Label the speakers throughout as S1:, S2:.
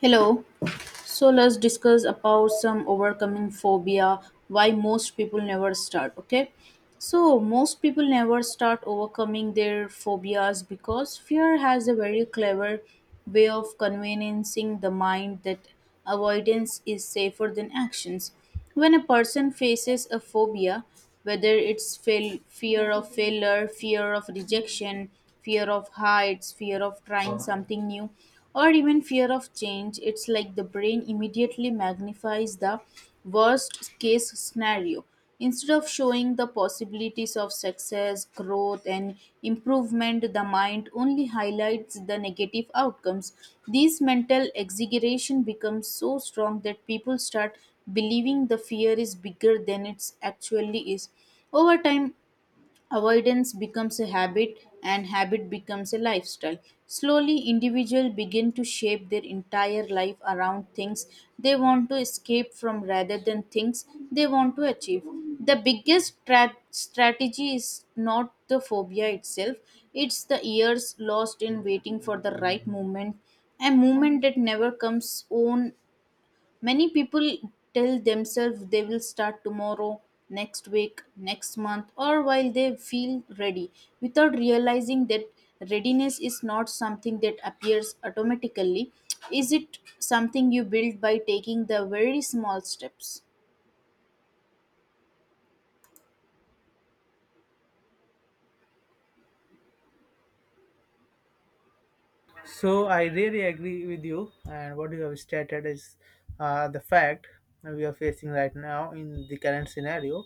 S1: Hello. So let's discuss about some overcoming phobia, why most people never start, okay? So most people never start overcoming their phobias because fear has a very clever way of conveyancing the mind that avoidance is safer than actions. When a person faces a phobia, whether it's fear of failure, fear of rejection, fear of heights, fear of trying something new, or even fear of change, it's like the brain immediately magnifies the worst case scenario. Instead of showing the possibilities of success, growth, and improvement, the mind only highlights the negative outcomes. This mental exaggeration becomes so strong that people start believing the fear is bigger than it actually is. Over time, avoidance becomes a habit and habit becomes a lifestyle. Slowly, individuals begin to shape their entire life around things they want to escape from rather than things they want to achieve. The biggest strategy is not the phobia itself, it's the years lost in waiting for the right moment. A moment that never comes on. Many people tell themselves they will start tomorrow, next week, next month, or while they feel ready, without realizing that readiness is not something that appears automatically. Is it something you build by taking the very small steps?
S2: So I really agree with you, and what you have stated is the fact we are facing right now in the current scenario.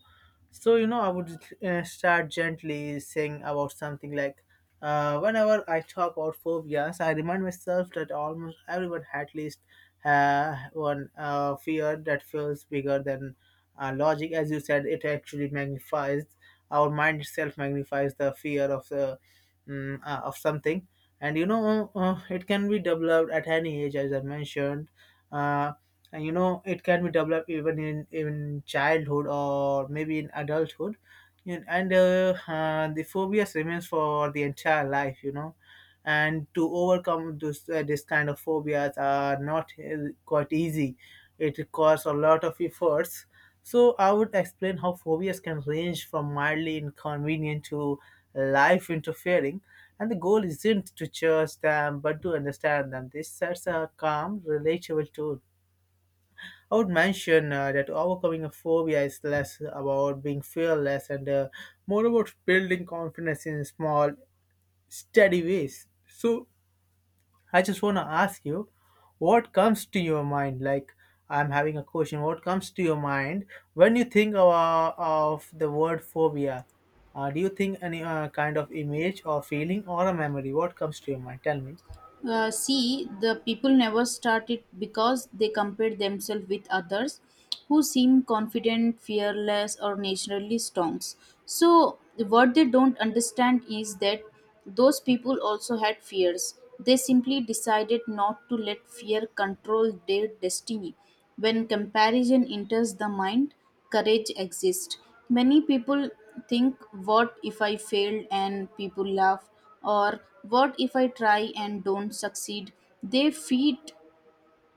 S2: I would start gently saying about something like, whenever I talk about phobias, I remind myself that almost everyone had at least one fear that feels bigger than logic. As you said, it actually magnifies our mind itself magnifies the fear of the of something. And you know It can be developed at any age, as I mentioned. uh, and you know, it can be developed even in childhood or maybe in adulthood. And The phobias remains for the entire life, you know, and to overcome this, this kind of phobias are not quite easy. It requires a lot of efforts. So I would explain how phobias can range from mildly inconvenient to life interfering, and the goal isn't to chase them but to understand them. This sets a calm, relatable tone. I would mention that overcoming a phobia is less about being fearless and more about building confidence in small, steady ways. So, I just want to ask you, what comes to your mind? Like, I'm having a question. What comes to your mind when you think of the word phobia? Do you think any kind of image or feeling or a memory? What comes to your mind? Tell me.
S1: See, the people never started because they compared themselves with others who seem confident, fearless, or naturally strong. So, what they don't understand is that those people also had fears. They simply decided not to let fear control their destiny. When comparison enters the mind, courage exists. Many people think, what if I failed and people laugh? Or what if I try and don't succeed? They feed.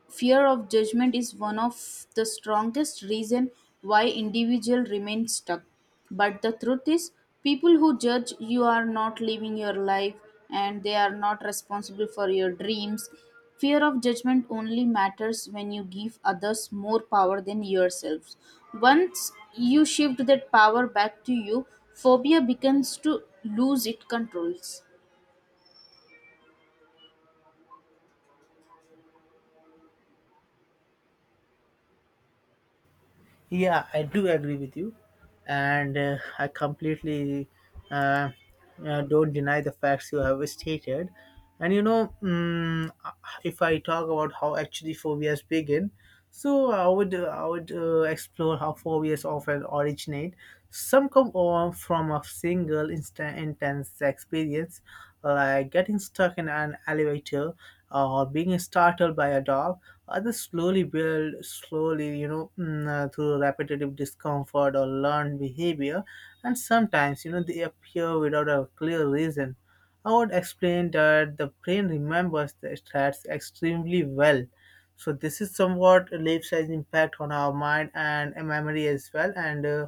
S1: Fear of judgment is one of the strongest reason why individual remain stuck. But the truth is, people who judge you are not living your life and they are not responsible for your dreams. Fear of judgment only matters when you give others more power than yourselves. Once you shift that power back to you, phobia begins to lose its controls.
S2: Yeah, I do agree with you, and I completely uh, don't deny the facts you have stated. And you know, mm, If I talk about how actually phobias begin, so I would explore how phobias often originate. Some come on from a single instant intense experience, like getting stuck in an elevator, or being startled by a dog. Others slowly build, slowly, you know, through repetitive discomfort or learned behavior, and sometimes, you know, they appear without a clear reason. I would explain that the brain remembers the threats extremely well. So this is somewhat leaves an impact on our mind and memory as well. And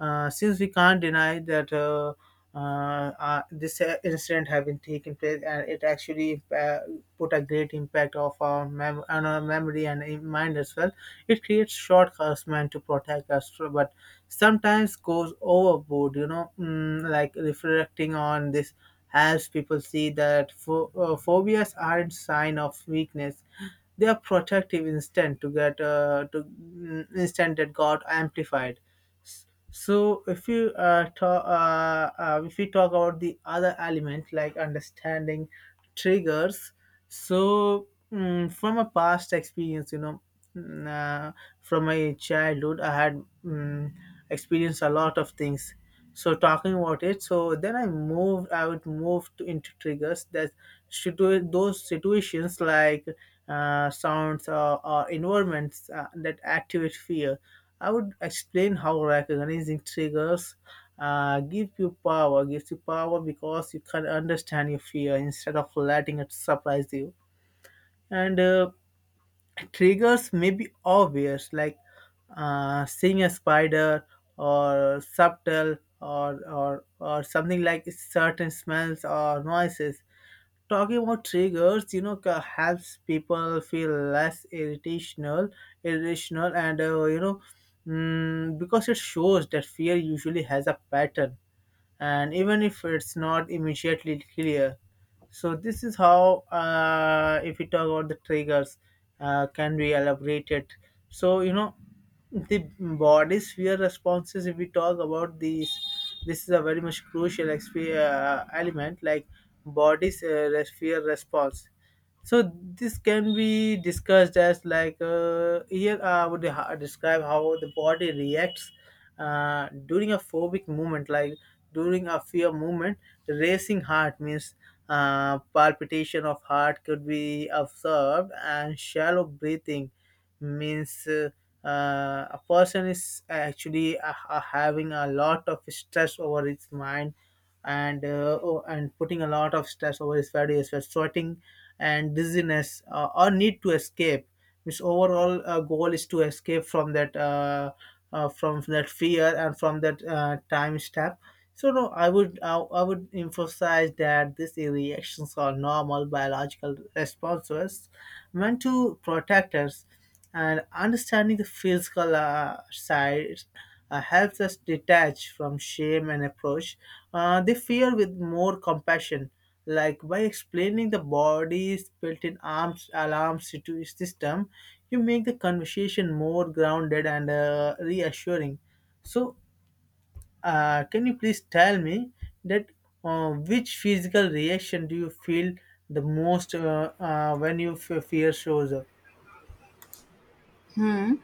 S2: Since we can't deny that this incident have been taken place and it actually put a great impact of our on our memory and in mind as well. It creates shortcuts meant to protect us, too, but sometimes goes overboard. You know, like reflecting on this helps people see that phobias aren't sign of weakness. They are protective instinct to get instant that got amplified. So if we talk about the other element like understanding triggers, so, from a past experience, you know, mm, uh, from my childhood, I had experienced a lot of things. So, talking about it, so then I would move to, into triggers that those situations like sounds or environments that activate fear. I would explain how recognizing triggers gives you power because you can understand your fear instead of letting it surprise you. And Triggers may be obvious, like seeing a spider, or subtle, or something like certain smells or noises. Talking about triggers, you know, helps people feel less irrational, and you know, because it shows that fear usually has a pattern, and even if it's not immediately clear, so this is how, if we talk about the triggers, can be elaborated. So you know, the body sphere responses, if we talk about these, this is a very much crucial element like body sphere response. So this can be discussed as like, here I would describe how the body reacts during a phobic movement, like during a fear movement. Racing heart means palpitation of heart could be observed, and shallow breathing means a person is actually having a lot of stress over his mind and and putting a lot of stress over his body as well, sweating and dizziness or need to escape. His overall goal is to escape from that fear and from that time step. So no, I would emphasize that these reactions are normal biological responses meant to protect us, and understanding the physical side helps us detach from shame and approach the fear with more compassion. Like by explaining the body's built-in arms alarm system, you make the conversation more grounded and reassuring. So can you please tell me that which physical reaction do you feel the most when you fear shows up?
S1: Mm,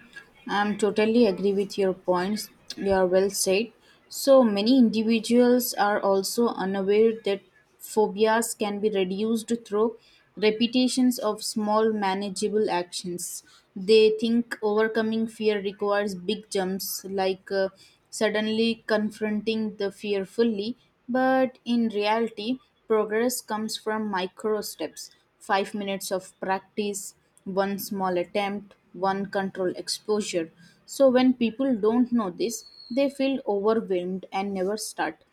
S1: I'm totally agree with your points. You are well said. So many individuals are also unaware that phobias can be reduced through repetitions of small manageable actions. They think overcoming fear requires big jumps, like suddenly confronting the fear fully, but in reality, progress comes from micro steps, 5 minutes of practice, one small attempt, one control exposure. So when people don't know this, they feel overwhelmed and never start.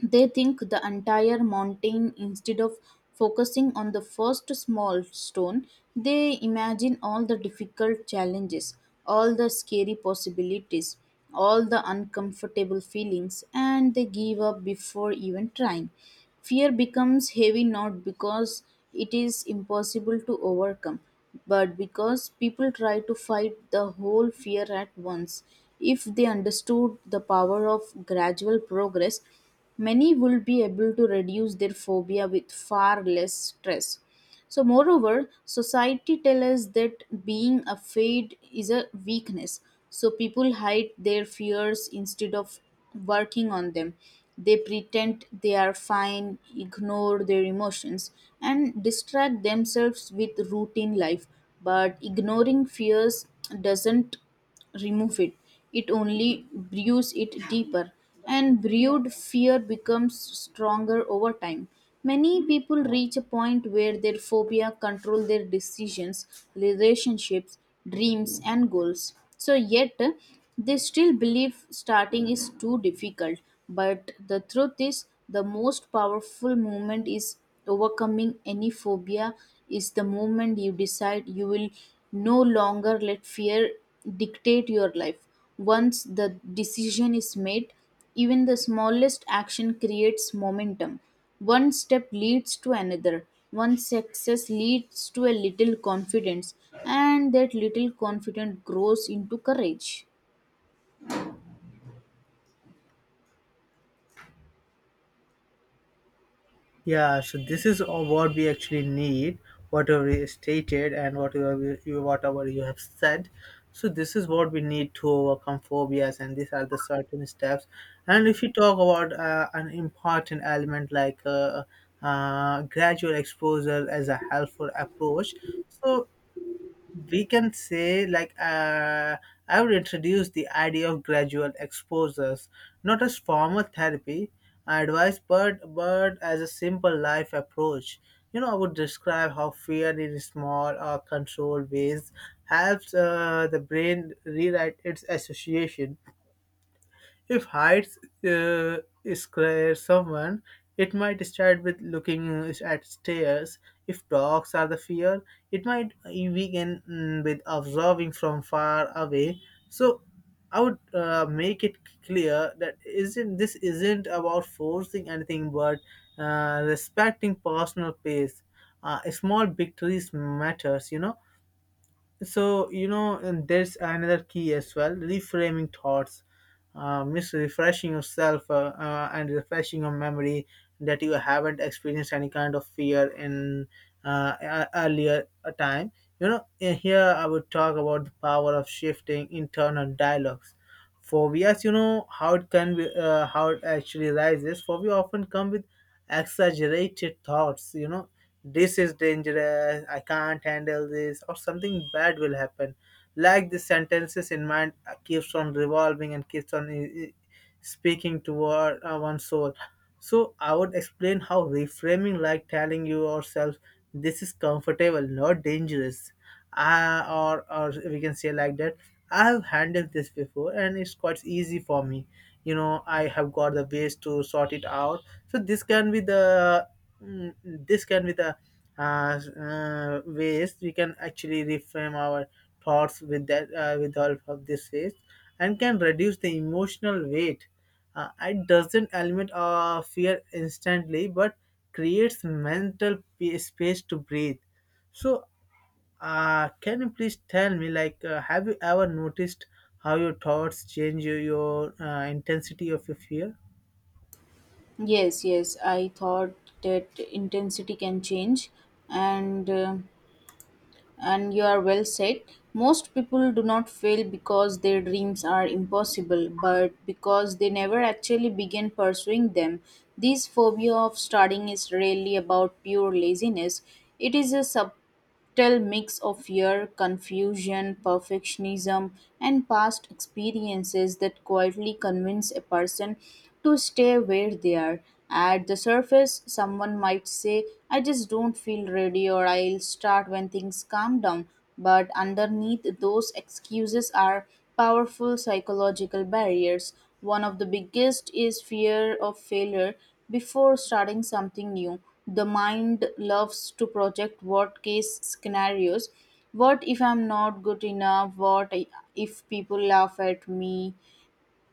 S1: They think the entire mountain instead of focusing on the first small stone. They imagine all the difficult challenges, all the scary possibilities, all the uncomfortable feelings, and they give up before even trying. Fear becomes heavy not because it is impossible to overcome, but because people try to fight the whole fear at once. If they understood the power of gradual progress, many will be able to reduce their phobia with far less stress. So moreover, society tells us that being afraid is a weakness, so people hide their fears instead of working on them. They pretend they are fine, ignore their emotions, and distract themselves with routine life. But ignoring fears doesn't remove it. It only brews it deeper, and brewed fear becomes stronger over time. Many people reach a point where their phobia control their decisions, relationships, dreams, and goals. So yet they still believe starting is too difficult. But the truth is, the most powerful movement is overcoming any phobia is the moment you decide you will no longer let fear dictate your life. Once the decision is made, even the smallest action creates momentum. One step leads to another. One success leads to a little confidence, and that little confidence grows into courage.
S2: Yeah, so this is all what we actually need, whatever is stated and whatever you have said. So this is what we need to overcome phobias, and these are the certain steps. And if you talk about an important element like gradual exposure as a helpful approach, so we can say like, I would introduce the idea of gradual exposures, not as formal therapy advice, but as a simple life approach. You know, I would describe how fear in small or controlled ways helps the brain rewrite its association. If heights uh, scare someone, it might start with looking at stairs. If dogs are the fear, it might begin with observing from far away. So I would make it clear that isn't this isn't about forcing anything, but respecting personal pace. Small victories matters, you know. And there's another key as well, reframing thoughts. Means refreshing yourself and refreshing your memory that you haven't experienced any kind of fear in earlier a time. You know, in here I would talk about the power of shifting internal dialogues. Phobias, you know how it can be, how it actually rises. Phobia often come with exaggerated thoughts. You know, this is dangerous. I can't handle this, or something bad will happen. Like the sentences in mind keeps on revolving and keeps on. Speaking toward one's soul. So I would explain how reframing, like telling yourself, "This is comfortable, not dangerous," or we can say like that, I have handled this before, and it's quite easy for me. You know, I have got the ways to sort it out. So this can be the this can be the ways we can actually reframe our thoughts with that, with help of this phase, and can reduce the emotional weight. It doesn't eliminate fear instantly, but creates mental space to breathe. So, can you please tell me, like, have you ever noticed how your thoughts change your intensity of your fear?
S1: Yes, yes, I thought that intensity can change, and uh, and you are well said. Most people do not fail because their dreams are impossible but because they never actually begin pursuing them. This phobia of starting is really about pure laziness. It is a sub tell mix of fear, confusion, perfectionism, and past experiences that quietly convince a person to stay where they are. At the surface, someone might say, I just don't feel ready, or I'll start when things calm down. But underneath those excuses are powerful psychological barriers. One of the biggest is fear of failure before starting something new. The mind loves to project what case scenarios. What if I'm not good enough? If people laugh at me?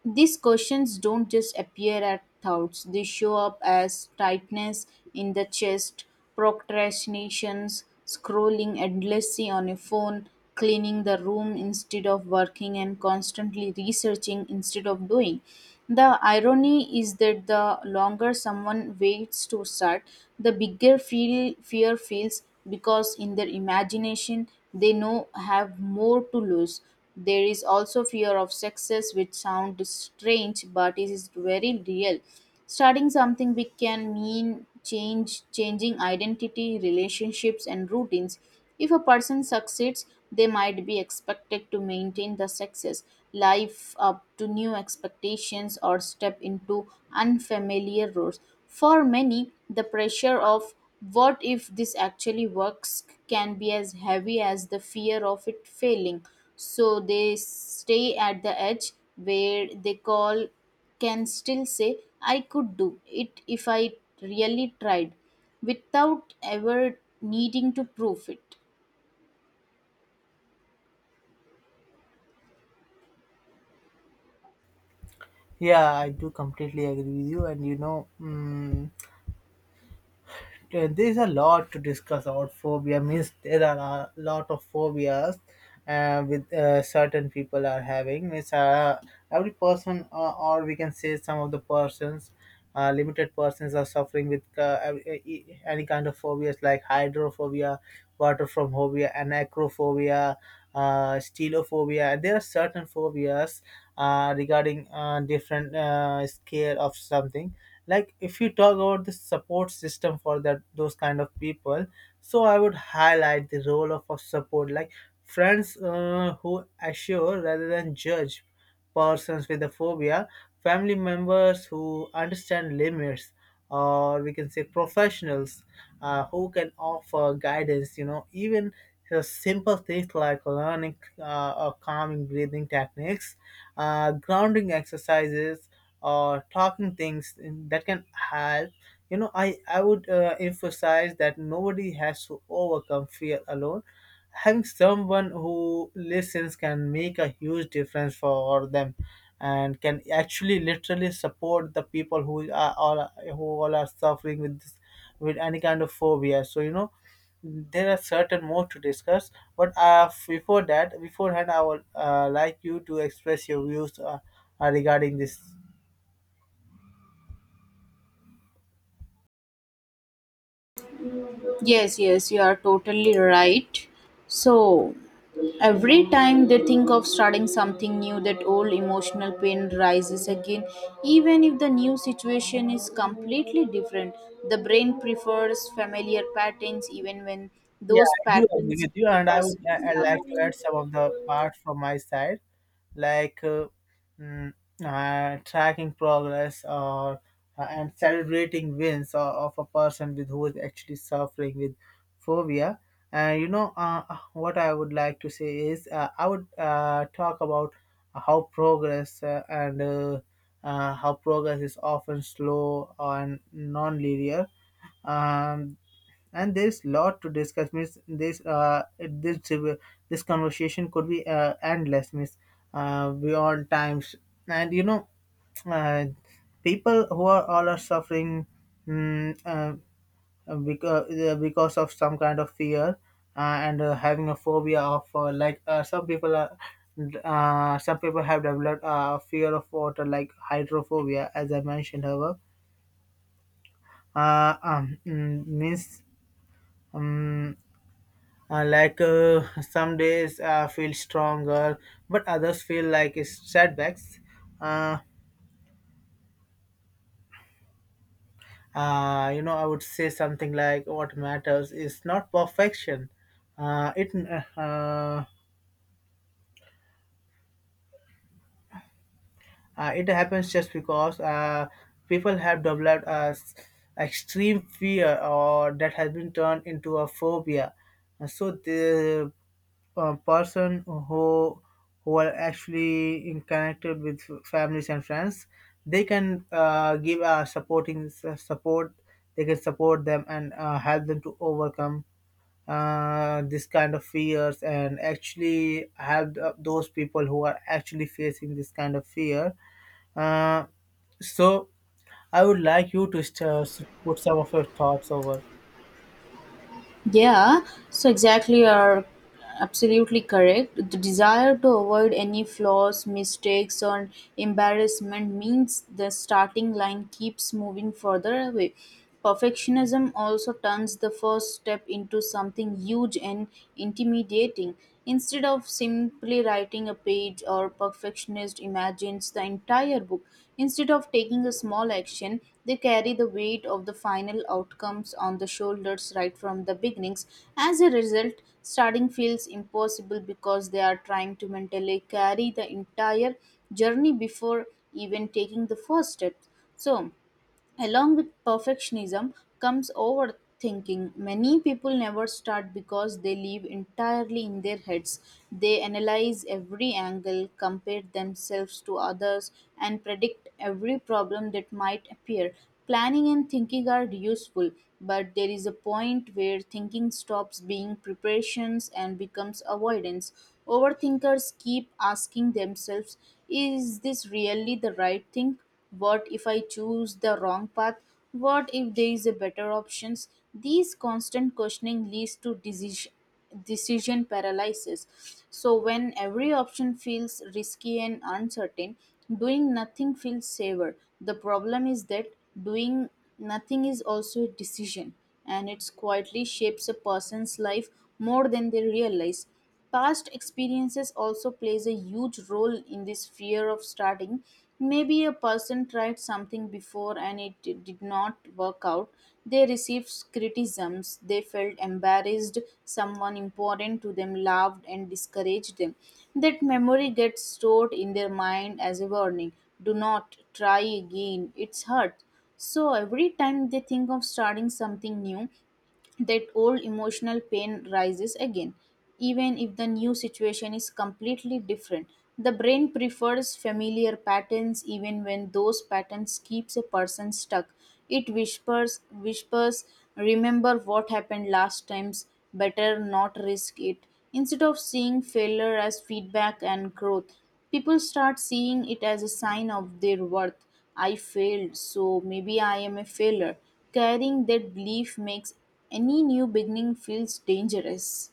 S1: These questions don't just appear at thoughts, they show up as tightness in the chest, procrastinations, scrolling endlessly on a phone, cleaning the room instead of working, and constantly researching instead of doing. The irony is that the longer someone waits to start, the fear feels because in their imagination they know have more to lose. There is also fear of success, which sounds strange but it is very real. Starting something big can mean change, changing identity, relationships, and routines. If a person succeeds, they might be expected to maintain the success, live up to new expectations, or step into unfamiliar roles. For many, the pressure of what if this actually works can be as heavy as the fear of it failing. So they stay at the edge where they call can still say, I could do it if I really tried, without ever needing to prove it.
S2: Yeah, I do completely agree with you, and you know. Yeah, there is a lot to discuss about phobia. Means there are a lot of phobias with certain people are having. Means every person, or we can say some of the persons, limited persons are suffering with any kind of phobias like hydrophobia, water from phobia, anacrophobia, stelophobia. There are certain phobias regarding different scale of something. Like if you talk about the support system for that those kind of people, so I would highlight the role of a support, like friends who assure rather than judge persons with a phobia, family members who understand limits, or we can say professionals who can offer guidance, you know, even the simple things like learning or calming breathing techniques, grounding exercises, or talking things that can help. You know, I would emphasize that nobody has to overcome fear alone. Having someone who listens can make a huge difference for them and can actually literally support the people who all are suffering with this, with any kind of phobia. So you know, there are certain more to discuss, but before that beforehand I would like you to express your views regarding this.
S1: Yes, yes, you are totally right. So, every time they think of starting something new, that old emotional pain rises again. Even if the new situation is completely different, the brain prefers familiar patterns even when
S2: Yeah,
S1: those
S2: I do agree
S1: patterns
S2: with you,
S1: keep
S2: and
S1: a person
S2: I like to
S1: stuck.
S2: add some of the parts from my side, like mm, tracking progress or and celebrating wins of a person with who is actually suffering with phobia. And you know, what I would like to say is, I would talk about how progress and how progress is often slow and non-linear. Um, and there's lot to discuss miss this conversation could be endless miss beyond times, and uh, people who are all are suffering mm, uh, because of some kind of fear, and having a phobia of some people have developed fear of water, like hydrophobia as I mentioned. However, means um, some days feel stronger, but others feel like it's setbacks. Uh, you know, I would say something like what matters is not perfection. Uh, it uh, uh, it happens just because people have developed extreme fear or that has been turned into a phobia. And so the person who are actually in connected with families and friends, they can give a supporting support. They can support them and help them to overcome this kind of fears, and actually help those people who are actually facing this kind of fear. Uh, so I would like you to put some of your thoughts over.
S1: Yeah, so exactly, you're absolutely correct. The desire to avoid any flaws, mistakes, or embarrassment means the starting line keeps moving further away. Perfectionism also turns the first step into something huge and intimidating. Instead of simply writing a page or perfectionist imagines the entire book. Instead of taking a small action, they carry the weight of the final outcomes on the shoulders right from the beginnings. As a result, starting feels impossible because they are trying to mentally carry the entire journey before even taking the first step. So, along with perfectionism comes overthinking. Many people never start because they live entirely in their heads. They analyze every angle, compare themselves to others, and predict every problem that might appear. Planning and thinking are useful, but there is a point where thinking stops being preparations and becomes avoidance. Overthinkers keep asking themselves, is this really the right thing? What if I choose the wrong path? What if there is a better options? These constant questioning leads to decision paralysis. So when every option feels risky and uncertain, doing nothing feels safer. The problem is that doing nothing is also a decision, and it quietly shapes a person's life more than they realize. Past experiences also plays a huge role in this fear of starting. Maybe a person tried something before and did not work out. They received criticisms, they felt embarrassed, someone important to them laughed and discouraged them. That memory gets stored in their mind as a warning. Do not try again. It's hurt. So every time they think of starting something new, that old emotional pain rises again. Even if the new situation is completely different, the brain prefers familiar patterns even when those patterns keeps a person stuck. It whispers, remember what happened last times, better not risk it. Instead of seeing failure as feedback and growth, people start seeing it as a sign of their worth. I failed, so maybe I am a failure. Carrying that belief makes any new beginning feels dangerous.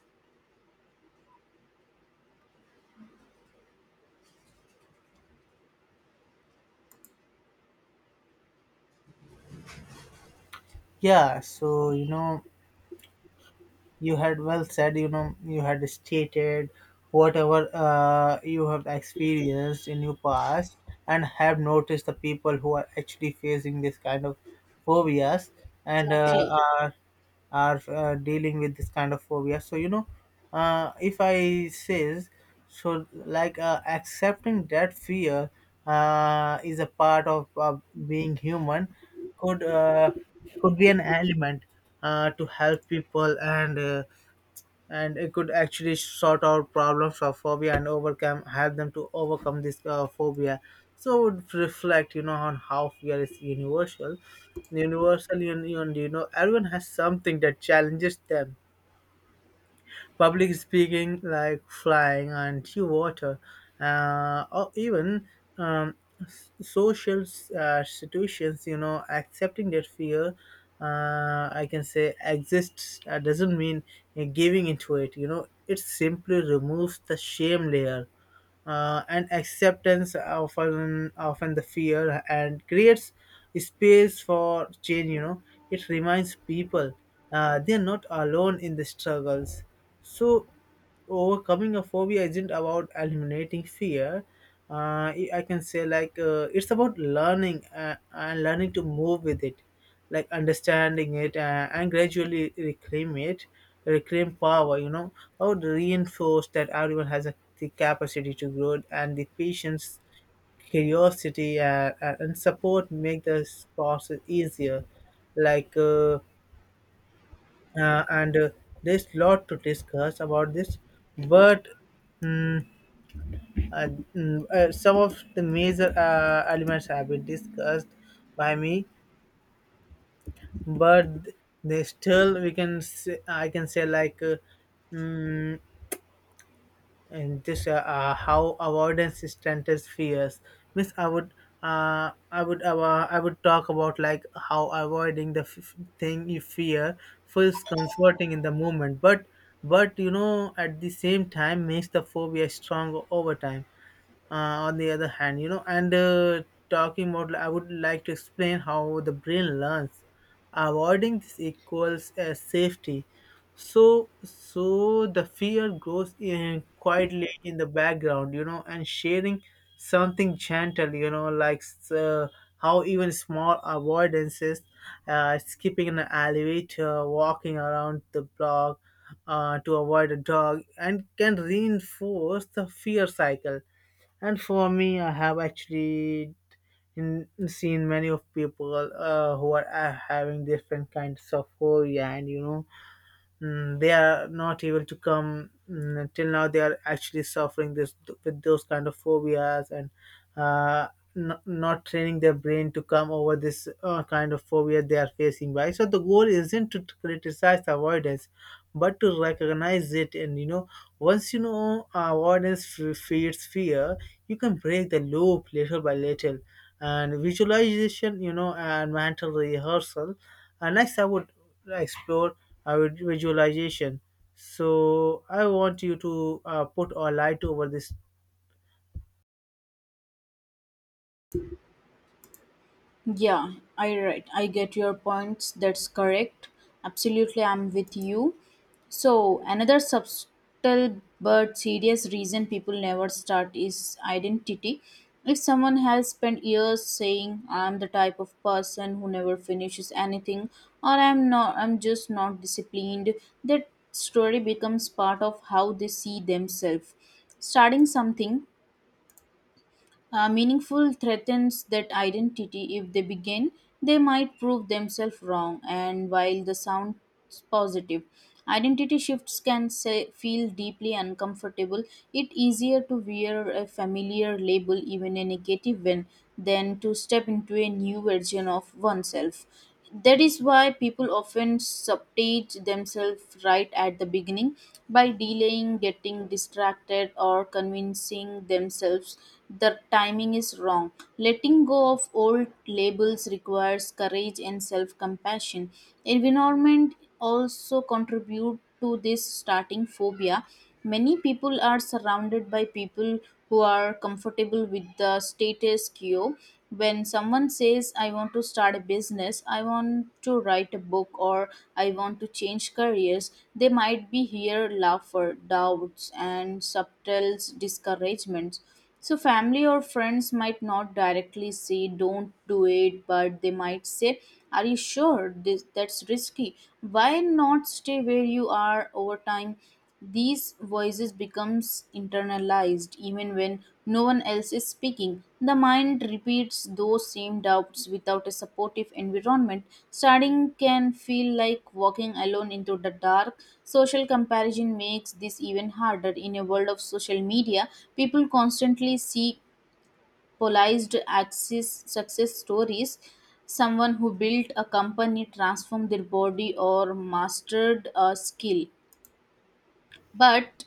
S2: Yeah, so you know, you had well said, you know, you had stated whatever you have experienced in your past and have noticed the people who are actually facing this kind of phobias, and
S1: Exactly.
S2: are are dealing with this kind of phobia. So you know, if I says, so like accepting that fear is a part of being human could uh, could be an element to help people, and it could actually sort out problems of phobia and overcome help them to overcome this phobia. So it would reflect, you know, on how fear is universal. You know, everyone has something that challenges them: public speaking, like flying into water, or even um, social situations. You know, accepting that fear, I can say, exists doesn't mean giving into it. You know, it simply removes the shame layer and acceptance of an, often the fear, and creates space for change, you know. It reminds people they're not alone in the struggles. So, overcoming a phobia isn't about eliminating fear. I can say, like, it's about learning and learning to move with it, like understanding it and gradually reclaim it, reclaim power. You know, I would reinforce that everyone has a, the capacity to grow, and the patience, curiosity, and support make this process easier. Like. And There's lot to discuss about this, but mm, uh, some of the major elements have been discussed by me, but they still we can say, I can say, like, mm, and just how avoidance strengthens fears means I would talk about like how avoiding the thing you fear feels comforting in the moment, but you know at the same time makes the phobia stronger over time. On the other hand, you know, and talking about, I would like to explain how the brain learns avoiding this equals safety, so the fear grows in quietly in the background, you know, and sharing something gentle, you know, like uh, how even small avoidances, skipping an elevator, walking around the block to avoid a dog, and can reinforce the fear cycle. And for me, I have actually in, seen many of people who are having different kinds of phobia, and you know, they are not able to come till now they are actually suffering this with those kind of phobias, and uh, not training their brain to come over this kind of phobia they are facing by. So the goal isn't to criticize avoidance, but to recognize it. And you know, once you know avoidance feeds fear, you can break the loop little by little. And visualization, you know, and mental rehearsal, and next I would explore visualization. So I want you to put a light over this.
S1: Yeah, I right. I get your points. That's correct. Absolutely, I'm with you. So, another subtle but serious reason people never start is identity. If someone has spent years saying I'm the type of person who never finishes anything, or I'm just not disciplined, that story becomes part of how they see themselves. Starting something meaningful threatens that identity. If they begin, they might prove themselves wrong, and while the sounds positive, identity shifts can say, feel deeply uncomfortable. It easier to wear a familiar label, even a negative one, than to step into a new version of oneself. That is why people often subject themselves right at the beginning by delaying, getting distracted, or convincing themselves the timing is wrong. Letting go of old labels requires courage and self compassion. Environment also contribute to this starting phobia. Many people are surrounded by people who are comfortable with the status quo. When someone says, I want to start a business, I want to write a book, or I want to change careers, they might be here laughter, doubts, and subtle discouragements. So, family or friends might not directly say, don't do it, but they might say, are you sure this, that's risky? Why not stay where you are over time? These voices becomes internalized even when no one else is speaking. The mind repeats those same doubts without a supportive environment. Studying can feel like walking alone into the dark. Social comparison makes this even harder in a world of social media. People constantly seek polarized access success stories, someone who built a company, transformed their body, or mastered a skill, but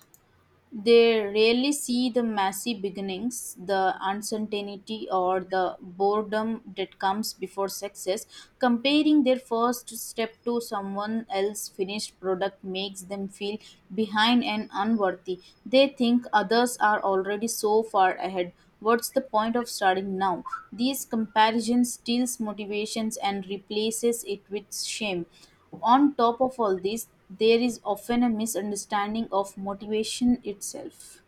S1: they rarely see the messy beginnings, the uncertainty, or the boredom that comes before success. Comparing their first step to someone else's finished product makes them feel behind and unworthy. They think others are already so far ahead. What's the point of starting now? These comparisons steals motivations and replaces it with shame. On top of all this, there is often a misunderstanding of motivation itself.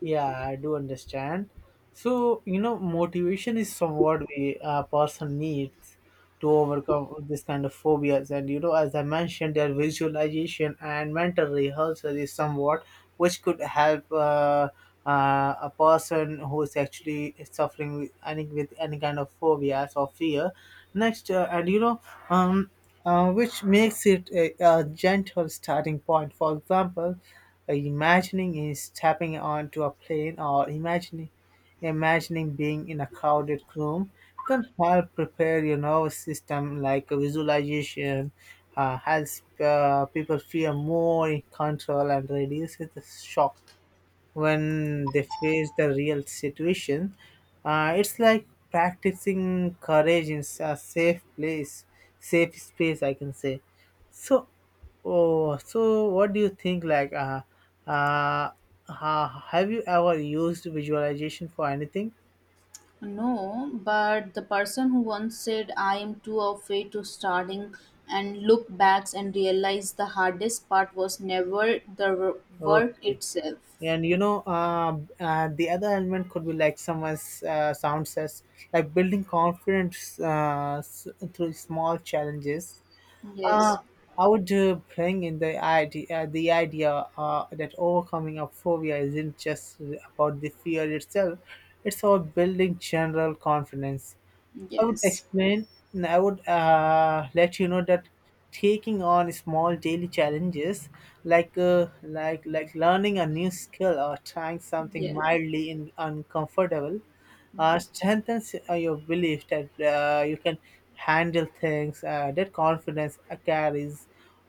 S2: Yeah, I do understand. So, you know, motivation is somewhat we a person needs to overcome this kind of phobias. And, you know, as I mentioned, their visualization and mental rehearsal is somewhat which could help a person who is actually suffering with any kind of phobias or fear. Next, and, you know, um, which makes it a gentle starting point. For example, imagining is stepping onto a plane, or imagining being in a crowded room, can help prepare your nervous system. Like a visualization helps people feel more in control and reduces the shock when they face the real situation. It's like practicing courage in a safe place, safe space, I can say. So, oh, so what do you think? Like, uh, have you ever used visualization for anything?
S1: No, but the person who once said, I am too afraid to starting, and look back and realize the hardest part was never work
S2: Okay.
S1: itself.
S2: And you know, the other element could be like someone's sound says, like building confidence through small challenges. Uh,
S1: Yes,
S2: I would bring in the idea that overcoming a phobia isn't just about the fear itself; it's about building general confidence. I would
S1: yes,
S2: explain, and I would let you know that taking on small daily challenges, like like learning a new skill or trying something
S1: yeah,
S2: mildly in, uncomfortable, strengthens your belief that you can handle things. That confidence carries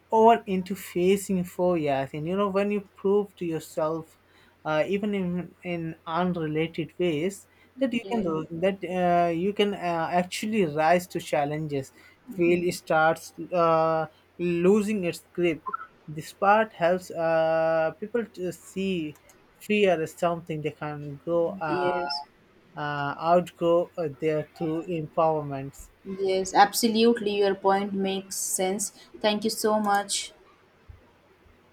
S2: or into facing phobias. And you know, when you prove to yourself, even in unrelated ways, that you
S1: yeah,
S2: can, that you can actually rise to challenges. Feel starts losing its grip. This part helps people to see fear as something they can grow
S1: yes,
S2: outgrow there through empowerments.
S1: yes, absolutely. Your point makes sense. Thank you so much.